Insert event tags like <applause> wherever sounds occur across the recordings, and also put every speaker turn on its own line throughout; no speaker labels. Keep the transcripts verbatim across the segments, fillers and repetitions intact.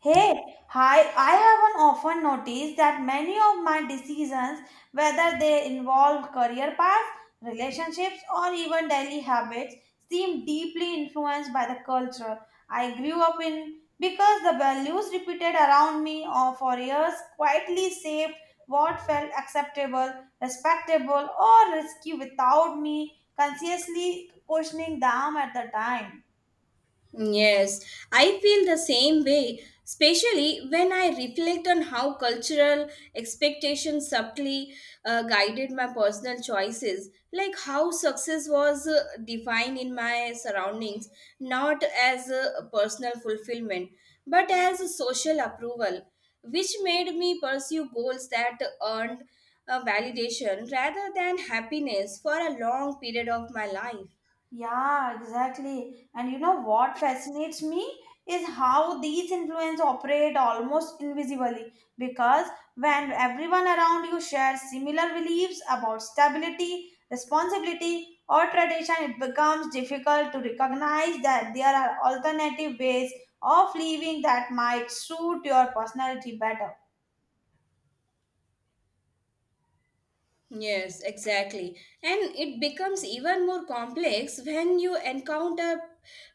Hey, hi, I have an often noticed that many of my decisions, whether they involve career paths, relationships, or even daily habits, seem deeply influenced by the culture I grew up in because the values repeated around me or for years quietly shaped what felt acceptable, respectable, or risky without me consciously questioning them at the time.
Yes, I feel the same way, especially when I reflect on how cultural expectations subtly uh, guided my personal choices, like how success was uh, defined in my surroundings, not as a personal fulfillment, but as a social approval, which made me pursue goals that earned uh, validation rather than happiness for a long period of my life.
Yeah, exactly. And you know what fascinates me is how these influences operate almost invisibly because when everyone around you shares similar beliefs about stability, responsibility, or tradition, it becomes difficult to recognize that there are alternative ways of living that might suit your personality better.
Yes, exactly. And it becomes even more complex when you encounter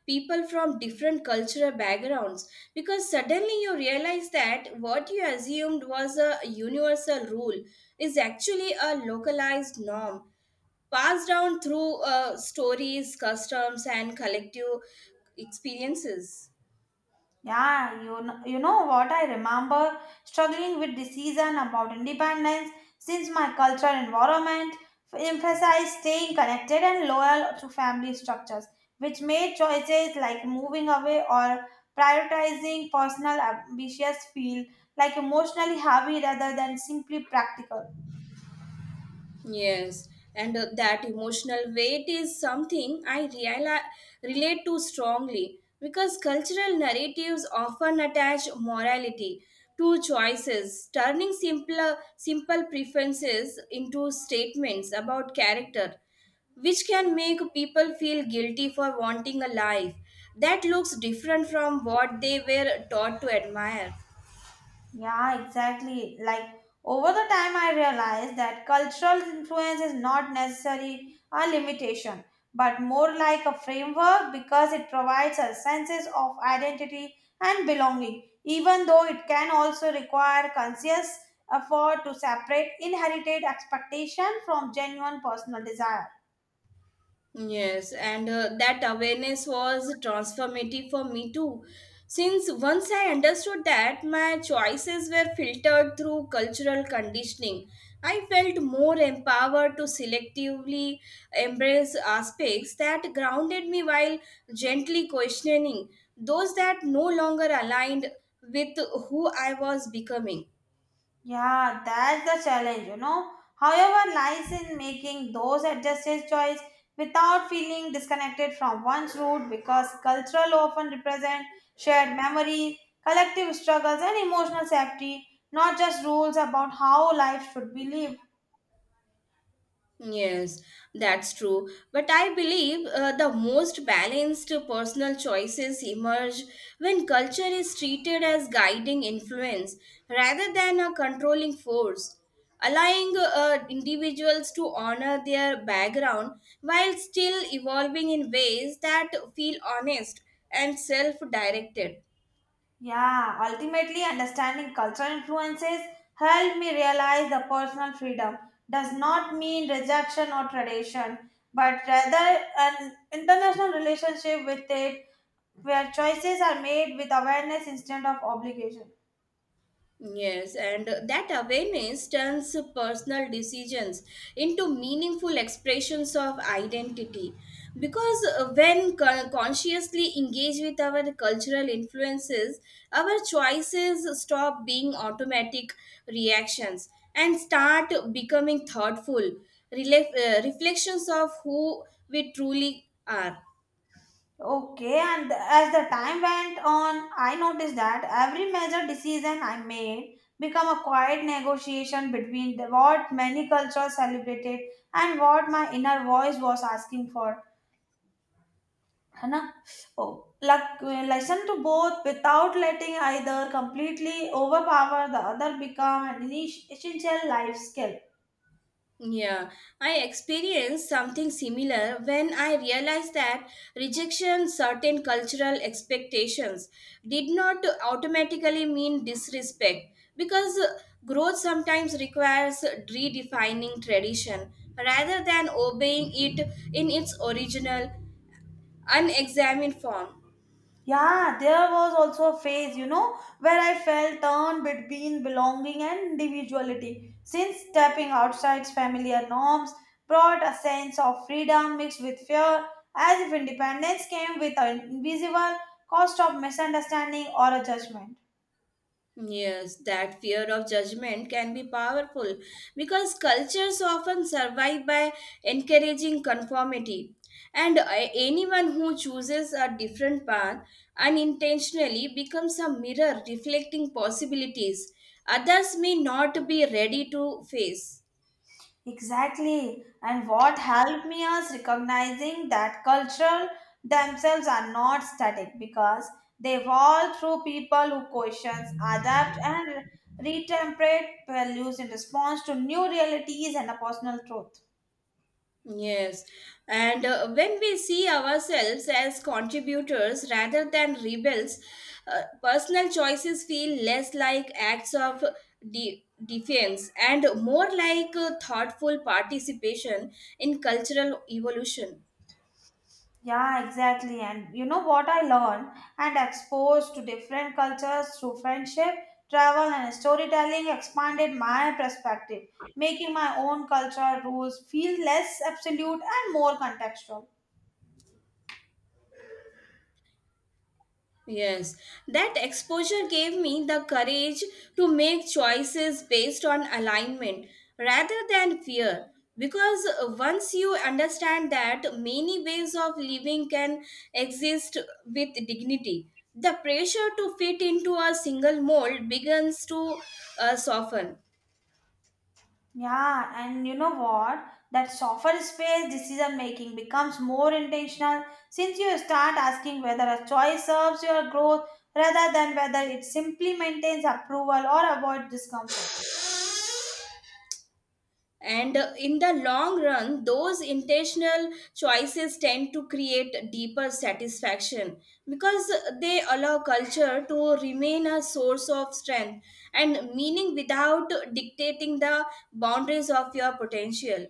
people from different cultural backgrounds because suddenly you realize that what you assumed was a universal rule is actually a localized norm passed down through uh, stories, customs, and collective experiences.
Yeah, you know, you know what I remember struggling with decision about independence since my cultural environment emphasized staying connected and loyal to family structures, which made choices like moving away or prioritizing personal ambitions feel like emotionally heavy rather than simply practical.
Yes, and uh, that emotional weight is something I reali- relate to strongly because cultural narratives often attach morality to choices, turning simpler, simple preferences into statements about character, which can make people feel guilty for wanting a life that looks different from what they were taught to admire.
Yeah, exactly. Like over the time, I realized that cultural influence is not necessarily a limitation, but more like a framework because it provides us senses of identity and belonging, even though it can also require conscious effort to separate inherited expectation from genuine personal desire.
Yes, and uh, that awareness was transformative for me too. Since once I understood that my choices were filtered through cultural conditioning, I felt more empowered to selectively embrace aspects that grounded me while gently questioning those that no longer aligned with who I was becoming.
Yeah, that's the challenge, you know. However, lies in making those adjusted choice without feeling disconnected from one's root because cultural often represent shared memory, collective struggles, and emotional safety, not just rules about how life should be lived.
Yes, that's true. But I believe uh, the most balanced personal choices emerge when culture is treated as guiding influence rather than a controlling force, allowing uh, individuals to honor their background while still evolving in ways that feel honest and self directed.
Yeah, ultimately, understanding cultural influences helped me realize the personal freedom does not mean rejection or tradition, but rather an international relationship with it where choices are made with awareness instead of obligation.
Yes, and that awareness turns personal decisions into meaningful expressions of identity. Because uh, when con- consciously engaged with our cultural influences, our choices stop being automatic reactions and start becoming thoughtful rela- uh, reflections of who we truly are.
Okay, and as the time went on, I noticed that every major decision I made became a quiet negotiation between the, what many cultures celebrated and what my inner voice was asking for. है ना? Oh, like, listen to both without letting either completely overpower the other become an essential life skill.
Yeah, I experienced something similar when I realized that rejection certain cultural expectations did not automatically mean disrespect because growth sometimes requires redefining tradition rather than obeying it in its original unexamined form.
Yeah, there was also a phase, you know, where I felt torn between belonging and individuality. Since stepping outside familiar norms brought a sense of freedom mixed with fear, as if independence came with an invisible cost of misunderstanding or a judgment.
Yes, that fear of judgment can be powerful because cultures often survive by encouraging conformity. And uh, anyone who chooses a different path unintentionally becomes a mirror reflecting possibilities others may not be ready to face.
Exactly. And what helped me is recognizing that cultural themselves are not static because they evolve through people who questions, adapt, and retemperate values in response to new realities and a personal truth.
Yes, and uh, when we see ourselves as contributors rather than rebels, uh, personal choices feel less like acts of de- defiance and more like uh, thoughtful participation in cultural evolution.
Yeah, exactly. And you know what I learned and exposed to different cultures through friendship, travel, and storytelling expanded my perspective, making my own cultural rules feel less absolute and more contextual.
Yes, that exposure gave me the courage to make choices based on alignment rather than fear. Because uh, once you understand that many ways of living can exist with dignity, the pressure to fit into a single mold begins to uh, soften.
Yeah, and you know what? That softer space decision making becomes more intentional since you start asking whether a choice serves your growth rather than whether it simply maintains approval or avoids discomfort.
And uh, in the long run, those intentional choices tend to create deeper satisfaction because they allow culture to remain a source of strength and meaning without dictating the boundaries of your potential.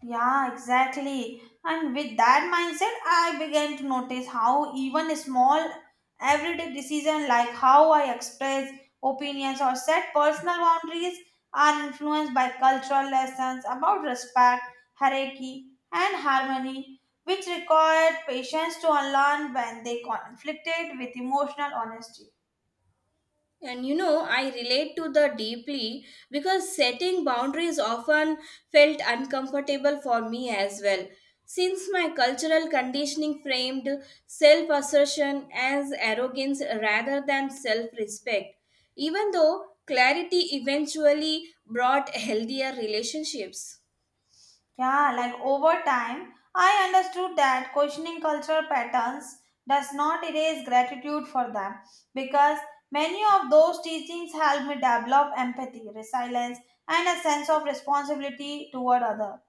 Yeah, exactly. And with that mindset, I began to notice how even a small everyday decision like how I express opinions or set personal boundaries are influenced by cultural lessons about respect, hierarchy, and harmony, which required patience to unlearn when they conflicted with emotional honesty.
And you know, I relate to the deeply because setting boundaries often felt uncomfortable for me as well. Since my cultural conditioning framed self assertion as arrogance rather than self respect, even though clarity eventually brought healthier relationships.
Yeah, like over time, I understood that questioning cultural patterns does not erase gratitude for them because many of those teachings helped me develop empathy, resilience, and a sense of responsibility toward others.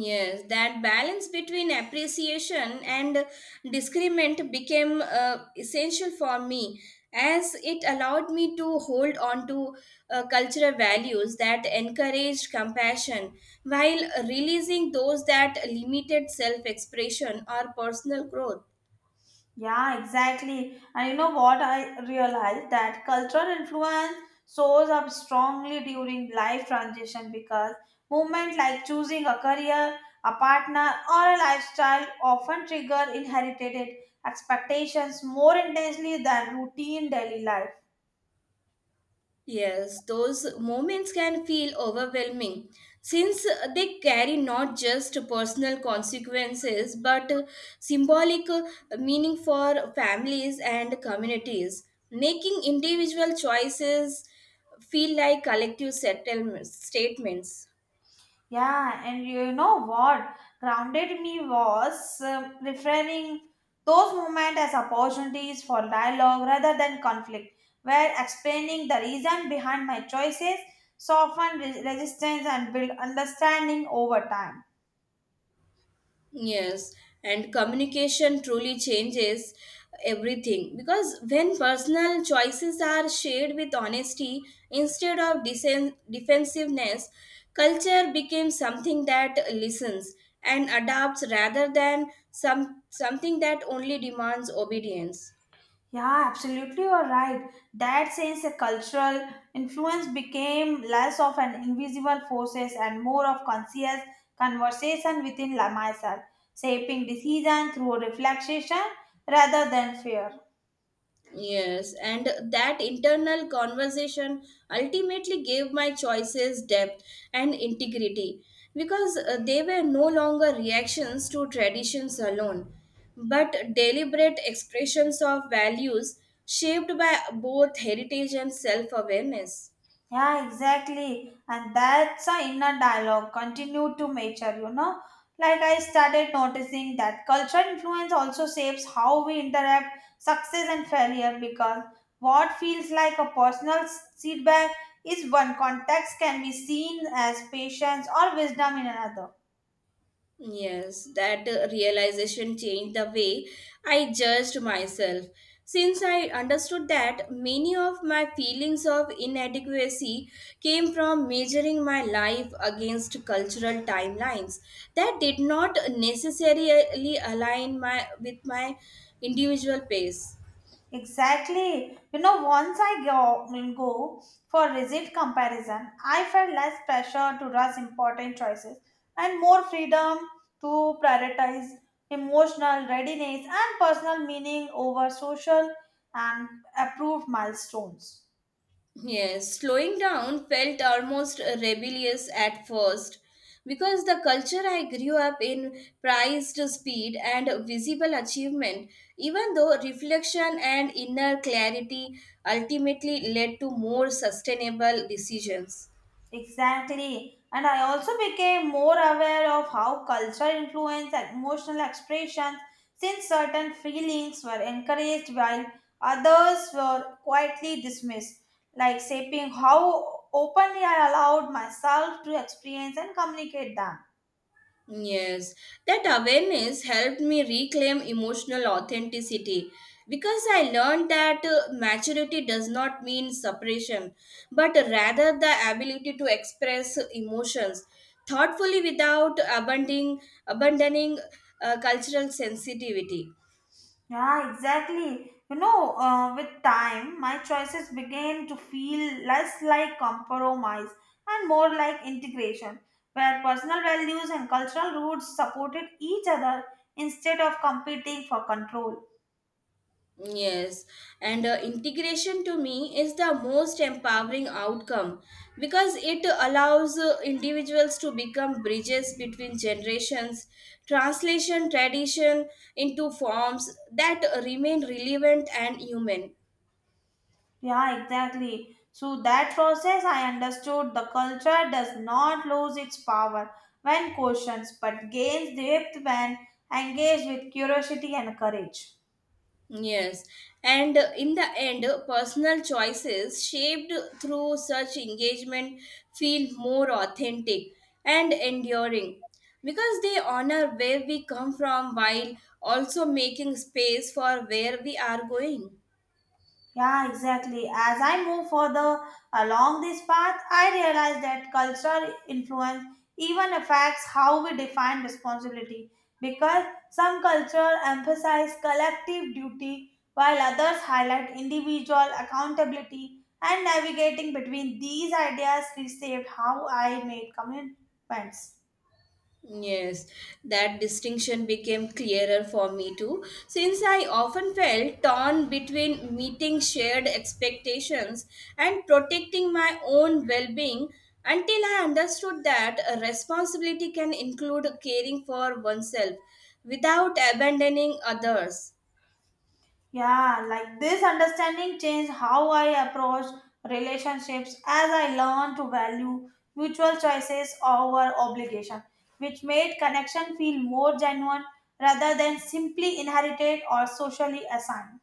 Yes, that balance between appreciation and discernment became uh, essential for me as it allowed me to hold on to uh, cultural values that encouraged compassion while releasing those that limited self expression or personal growth.
Yeah, exactly. And you know what I realized that cultural influence shows up strongly during life transition because movement like choosing a career, a partner, or a lifestyle often trigger inherited expectations more intensely than routine daily life.
Yes, those moments can feel overwhelming since they carry not just personal consequences but symbolic meaning for families and communities, making individual choices feel like collective settlements, statements.
Yeah, and you know what grounded me was um, reframing those moments as opportunities for dialogue rather than conflict, where explaining the reason behind my choices soften re- resistance and build understanding over time.
Yes, and communication truly changes everything because when personal choices are shared with honesty instead of disen- defensiveness, culture becomes something that listens and adapts rather than some something that only demands obedience.
Yeah, absolutely, you're right. That sense a cultural influence became less of an invisible forces and more of conscious conversation within la- myself, shaping decision through reflection rather than fear.
Yes, and that internal conversation ultimately gave my choices depth and integrity because uh, they were no longer reactions to traditions alone, but deliberate expressions of values shaped by both heritage and self awareness.
Yeah, exactly. And that's a inner dialogue continue to mature, you know. Like I started noticing that cultural influence also shapes how we interact success and failure because what feels like a personal s- feedback is one context can be seen as patience or wisdom in another.
Yes, that uh, realization changed the way I judged myself. Since I understood that many of my feelings of inadequacy came from measuring my life against cultural timelines that did not necessarily align my, with my individual pace.
Exactly. You know, once I go, go for rigid comparison, I felt less pressure to rush important choices and more freedom to prioritize emotional readiness and personal meaning over social and approved milestones.
Yes, slowing down felt almost rebellious at first because the culture I grew up in prized speed and visible achievement, even though reflection and inner clarity ultimately led to more sustainable decisions.
Exactly. And I also became more aware of how culture influence and emotional expressions since certain feelings were encouraged while others were quietly dismissed, like shaping how openly I allowed myself to experience and communicate them.
Yes, that awareness helped me reclaim emotional authenticity because I learned that uh, maturity does not mean separation, but rather the ability to express emotions thoughtfully without abandoning, abandoning uh, cultural sensitivity.
Yeah, exactly. You know, uh, with time, my choices began to feel less like compromise and more like integration, where personal values and cultural roots supported each other instead of competing for control.
Yes, and uh, integration to me is the most empowering outcome because it allows uh, individuals to become bridges between generations, translation tradition into forms that remain relevant and human.
Yeah, exactly. Through that process, I understood the culture does not lose its power when questioned, but gains depth when engaged with curiosity and courage.
Yes, and uh, in the end, uh, personal choices shaped through such engagement feel more authentic and enduring because they honor where we come from while also making space for where we are going.
Yeah, exactly. As I move further along this path, I realize that cultural influence even affects how we define responsibility because some cultures emphasize collective duty while others highlight individual accountability and navigating between these ideas reshaped how I made commitments.
Yes, that distinction became clearer for me too, since I often felt torn between meeting shared expectations and protecting my own well being until I understood that a responsibility can include caring for oneself without abandoning others.
Yeah, like this understanding changed how I approach relationships as I learned to value mutual choices over obligation, which made connection feel more genuine rather than simply inherited or socially assigned.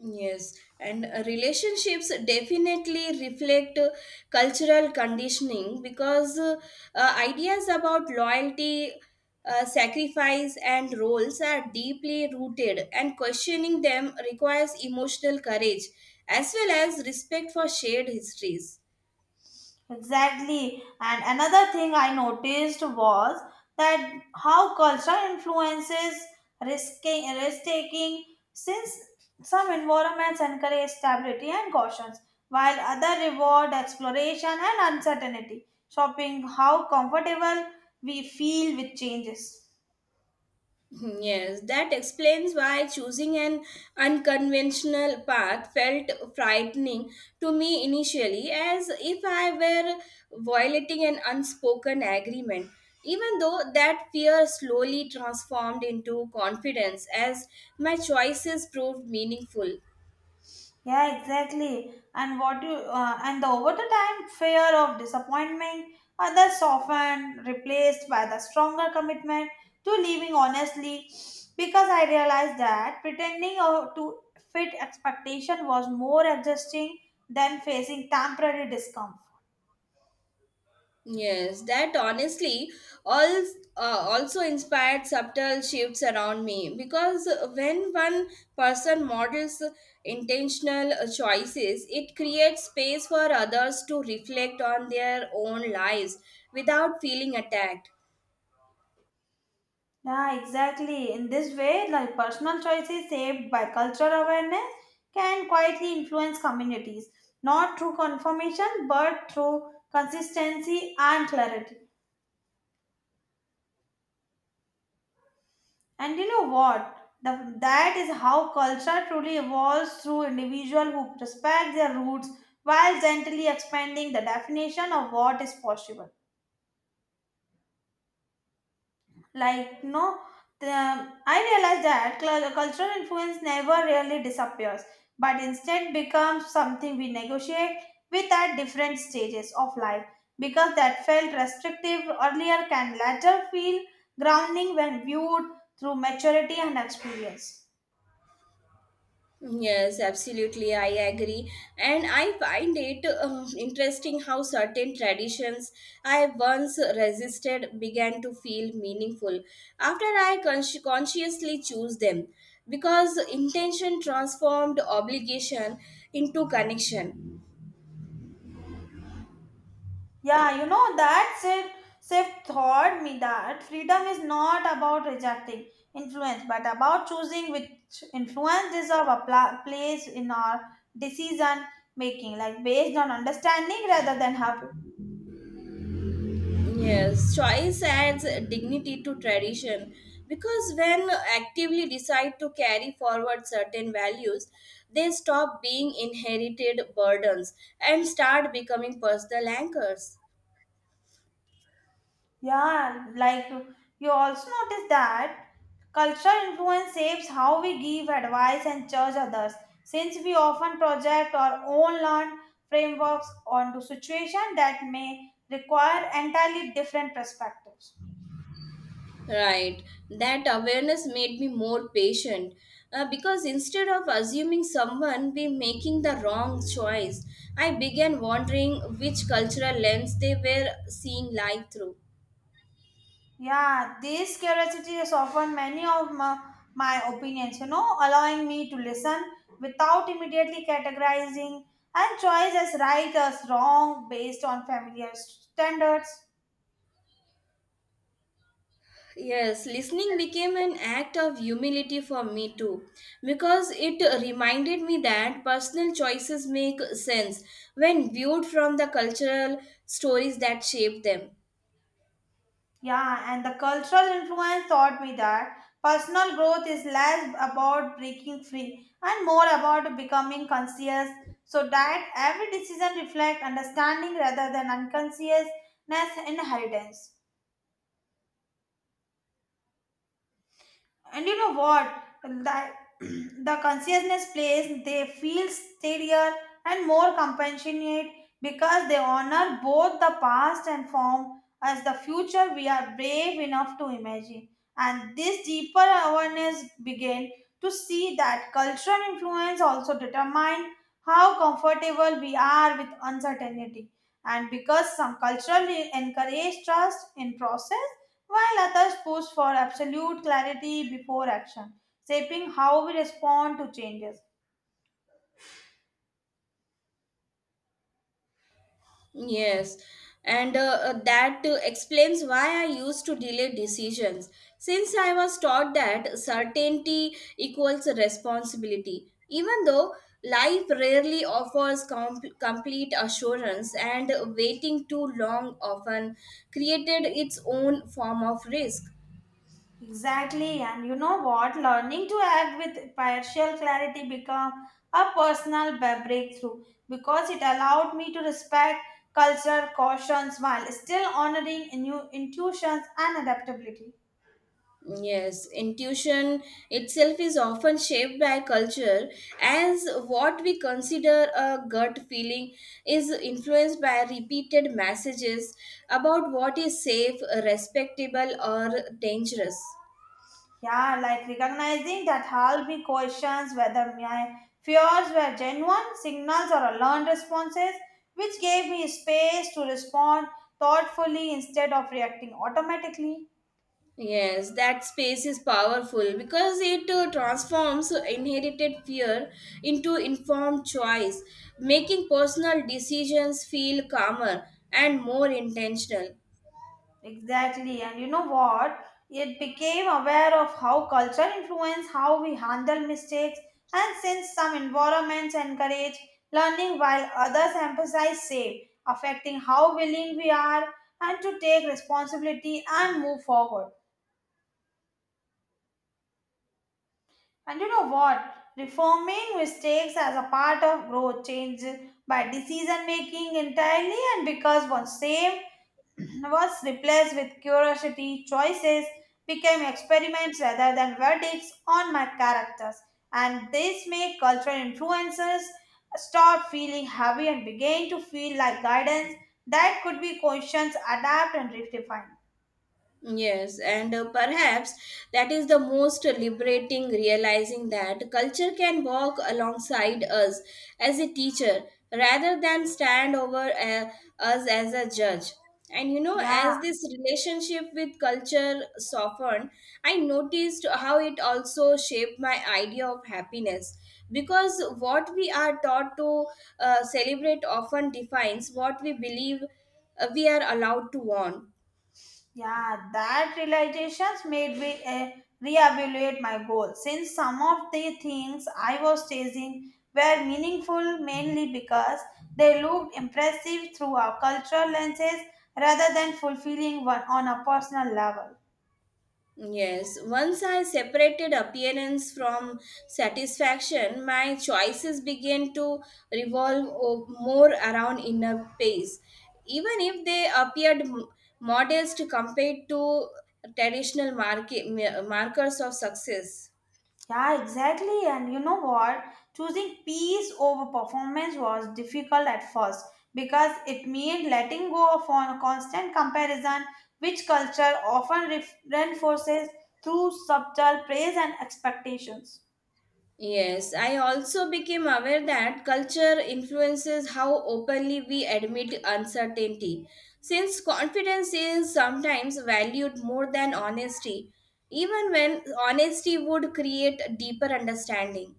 Yes, and uh, relationships definitely reflect uh, cultural conditioning because uh, uh, ideas about loyalty, uh, sacrifice, and roles are deeply rooted, and questioning them requires emotional courage as well as respect for shared histories.
Exactly. And another thing I noticed was that how culture influences risking risk taking since some environments encourage stability and caution, while other reward exploration and uncertainty, showing how comfortable we feel with changes.
Yes, that explains why choosing an unconventional path felt frightening to me initially, as if I were violating an unspoken agreement. Even though that fear slowly transformed into confidence as my choices proved meaningful.
Yeah, exactly. And what you uh, and the over the time fear of disappointment, others often replaced by the stronger commitment to living honestly. Because I realized that pretending uh, to fit expectation was more exhausting than facing temporary discomfort.
Yes, that honestly all, uh, also inspired subtle shifts around me because when one person models intentional uh, choices, it creates space for others to reflect on their own lives without feeling attacked.
Yeah, exactly. In this way, like personal choices shaped by cultural awareness can quietly influence communities, not through confirmation but through consistency and clarity. And you know what? The, that is how culture truly evolves through individuals who respect their roots while gently expanding the definition of what is possible. Like no the, I realized that cul- cultural influence never really disappears but instead becomes something we negotiate with at different stages of life because that felt restrictive earlier can later feel grounding when viewed through maturity and experience.
Yes, absolutely. I agree. And I find it um, interesting how certain traditions I once resisted began to feel meaningful after I consci consciously choose them because intention transformed obligation into connection.
Yeah, you know that said Sif taught me that freedom is not about rejecting influence, but about choosing which influence deserve a pla- place in our decision making, like based on understanding rather than habit.
Yes, choice adds dignity to tradition because when actively decide to carry forward certain values, they stop being inherited burdens and start becoming personal anchors.
Yeah, like you also notice that cultural influence shapes how we give advice and judge others. Since we often project our own learned frameworks onto situations that may require entirely different perspectives.
Right, that awareness made me more patient uh, because instead of assuming someone be making the wrong choice, I began wondering which cultural lens they were seeing life through.
Yeah, this curiosity has often many of my, my opinions, you know, allowing me to listen without immediately categorizing and choice as right as wrong based on familiar standards.
Yes, listening became an act of humility for me too, because it reminded me that personal choices make sense when viewed from the cultural stories that shape them.
Yeah, and the cultural influence taught me that personal growth is less about breaking free and more about becoming conscious so that every decision reflects understanding rather than unconsciousness inheritance. And you know what? The, <clears throat> the consciousness plays, they feel steadier and more compassionate because they honor both the past and form as the future we are brave enough to imagine. And this deeper awareness began to see that cultural influence also determine how comfortable we are with uncertainty. And because some culturally encourage trust in process, while others push for absolute clarity before action, shaping how we respond to changes.
Yes, and uh, uh, that uh, explains why I used to delay decisions. Since I was taught that certainty equals responsibility, even though life rarely offers com- complete assurance, and waiting too long often created its own form of risk.
Exactly, and you know what? Learning to act with partial clarity become a personal ba- breakthrough because it allowed me to respect cultural cautions while still honoring new intuitions and adaptability.
Yes, intuition itself is often shaped by culture, as what we consider a gut feeling is influenced by repeated messages about what is safe, respectable, or dangerous.
Yeah, like recognizing that I'll questions whether my fears were genuine signals or a learned responses, which gave me space to respond thoughtfully instead of reacting automatically.
Yes, that space is powerful because it uh, transforms inherited fear into informed choice, making personal decisions feel calmer and more intentional.
Exactly. And you know what? It became aware of how culture influence how we handle mistakes and since some environments encourage learning while others emphasize safe, affecting how willing we are and to take responsibility and move forward. And you know what? Reforming mistakes as a part of growth changes by decision making entirely and because one same <clears throat> was replaced with curiosity. Choices became experiments rather than verdicts on my characters, and this made cultural influences start feeling heavy and began to feel like guidance that could be questioned, adapt, and redefined.
Yes, and uh, perhaps that is the most liberating realizing that culture can walk alongside us as a teacher rather than stand over uh, us as a judge. And you know,
Yeah.
as this relationship with culture softened, I noticed how it also shaped my idea of happiness because what we are taught to uh, celebrate often defines what we believe uh, we are allowed to want.
Yeah, that realizations made me uh, reevaluate my goals since some of the things I was chasing were meaningful mainly because they looked impressive through our cultural lenses rather than fulfilling one on a personal level.
Yes, once I separated appearance from satisfaction, my choices began to revolve o- more around inner peace. Even if they appeared m- modest compared to traditional market, markers of success.
Yeah, exactly. And you know what? Choosing peace over performance was difficult at first because it meant letting go of on constant comparison, which culture often ref- reinforces through subtle praise and expectations.
Yes, I also became aware that culture influences how openly we admit uncertainty. Since confidence is sometimes valued more than honesty, even when honesty would create a deeper understanding.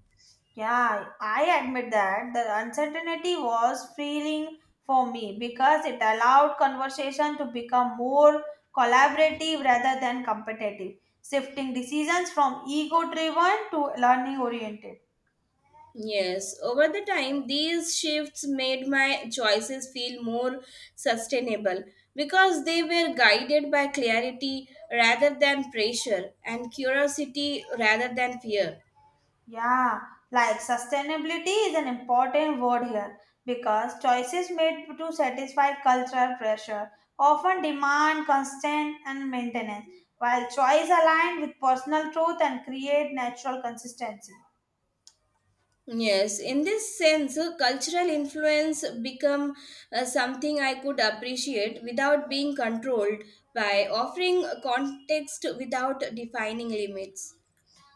Yeah, I admit that the uncertainty was freeing for me because it allowed conversation to become more collaborative rather than competitive, shifting decisions from ego driven to learning oriented.
Yes, over the time, these shifts made my choices feel more sustainable because they were guided by clarity rather than pressure and curiosity rather than fear.
Yeah, like sustainability is an important word here because choices made to satisfy cultural pressure often demand constant and maintenance, while choice aligned with personal truth and create natural consistency.
Yes, in this sense, uh, cultural influence become uh, something I could appreciate without being controlled by offering context without defining limits.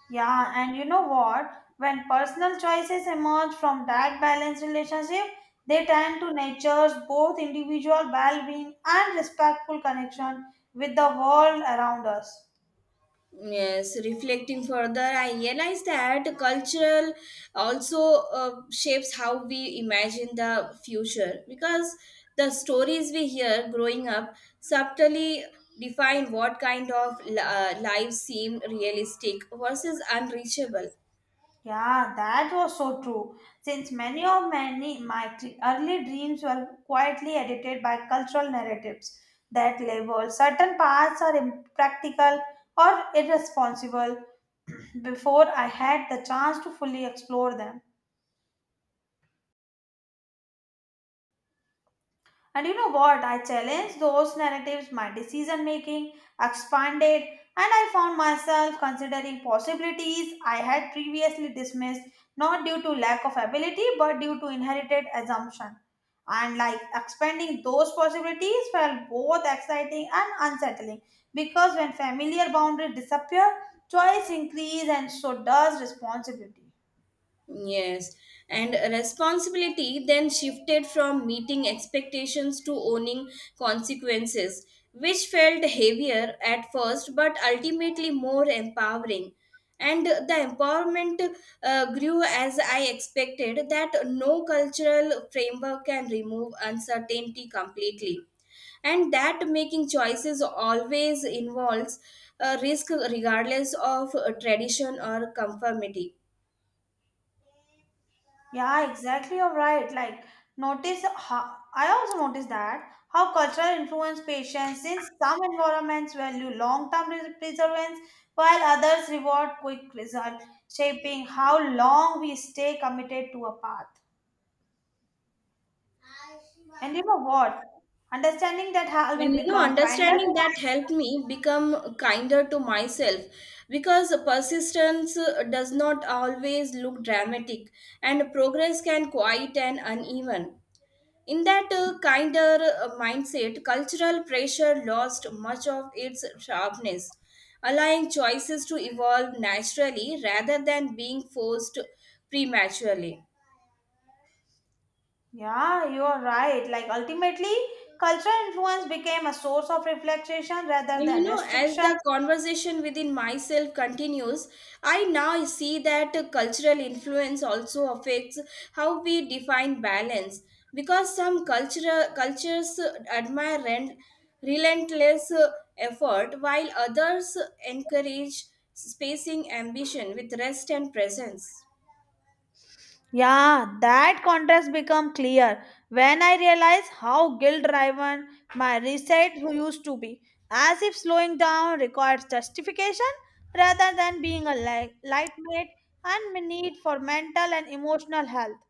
Yeah, and you know what? When personal choices emerge from that balanced relationship, they tend to nurture both individual well-being and respectful connection with the world around us.
Yes, reflecting further, I realized that cultural also uh, shapes how we imagine the future because the stories we hear growing up subtly define what kind of li- uh, lives seem realistic versus unreachable.
Yeah, that was so true. Since many of many my t- early dreams were quietly edited by cultural narratives that label certain paths are impractical or irresponsible <clears throat> before I had the chance to fully explore them. And you know what? I challenged those narratives, my decision making expanded, and I found myself considering possibilities I had previously dismissed, not due to lack of ability, but due to inherited assumption. And like expanding those possibilities felt both exciting and unsettling because when familiar boundaries disappear, choice increase and so does responsibility.
Yes, and responsibility then shifted from meeting expectations to owning consequences, which felt heavier at first but ultimately more empowering. And the empowerment uh, grew as I expected that no cultural framework can remove uncertainty completely. And that making choices always involves a risk regardless of uh, tradition or conformity.
Yeah, exactly. You're right. Like, notice how I also noticed that how cultural influence patients since some environments value long-term res- perseverance while others reward quick result, shaping how long we stay committed to a path. And you know what? Understanding that helped me
And you know,
become kinder to
understanding
my.
that helped me become kinder to myself because persistence uh, does not always look dramatic and progress can quiet and uneven. In that uh, kinder uh, mindset, cultural pressure lost much of its sharpness, allowing choices to evolve naturally rather than being forced prematurely.
Yeah, you are right. Like ultimately, cultural influence became a source of reflection rather
And you
than
know, as
restriction.
the conversation within myself continues, I now see that uh, cultural influence also affects how we define balance because some cultural cultures uh, admire rent, relentless uh, effort while others encourage spacing ambition with rest and presence.
Yeah, that contrast become clear when I realize how guilt-driven my reset used to be, as if slowing down requires justification rather than being a li- lightweight and my need for mental and emotional health.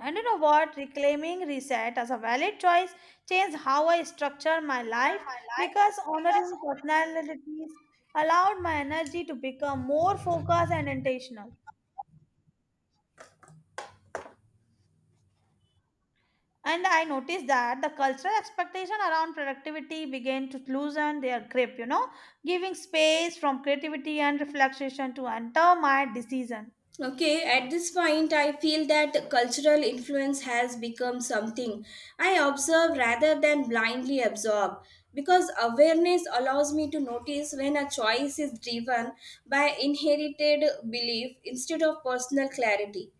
And you know what? Reclaiming reset as a valid choice changed how I structure my life because honoring personalities allowed my energy to become more focused and intentional. And I noticed that the cultural expectation around productivity began to loosen their grip, you know, giving space from creativity and reflection to enter my decision.
Okay, at this point, I feel that cultural influence has become something I observe rather than blindly absorb because awareness allows me to notice when a choice is driven by inherited belief instead of personal clarity.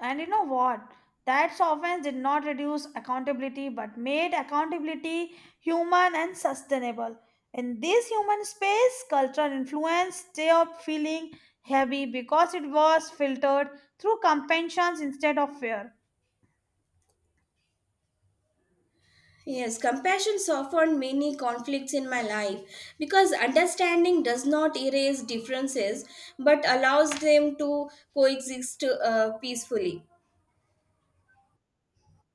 And you know what? That softness did not reduce accountability but made accountability human and sustainable. In this human space, cultural influence stayed feeling heavy because it was filtered through compassion instead of fear.
Yes, compassion softened many conflicts in my life because understanding does not erase differences but allows them to coexist uh, peacefully.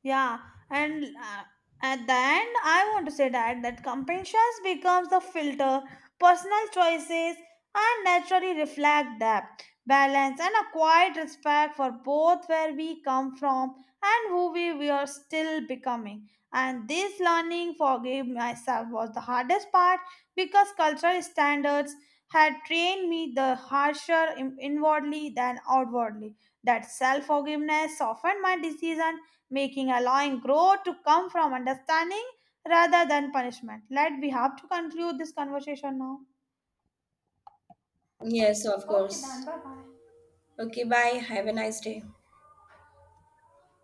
Yeah, and uh, at the end, I want to say that that compassion becomes the filter. Personal choices and naturally reflect that balance and a quiet respect for both where we come from and who we, we are still becoming. And this learning, forgive myself, was the hardest part because cultural standards had trained me the harsher in- inwardly than outwardly. That self forgiveness softened my decision making allowing growth to come from understanding rather than punishment. Let we have to conclude this conversation now.
Yes, of
Okay, then
course.
bye bye.
Okay, bye. Have a nice day.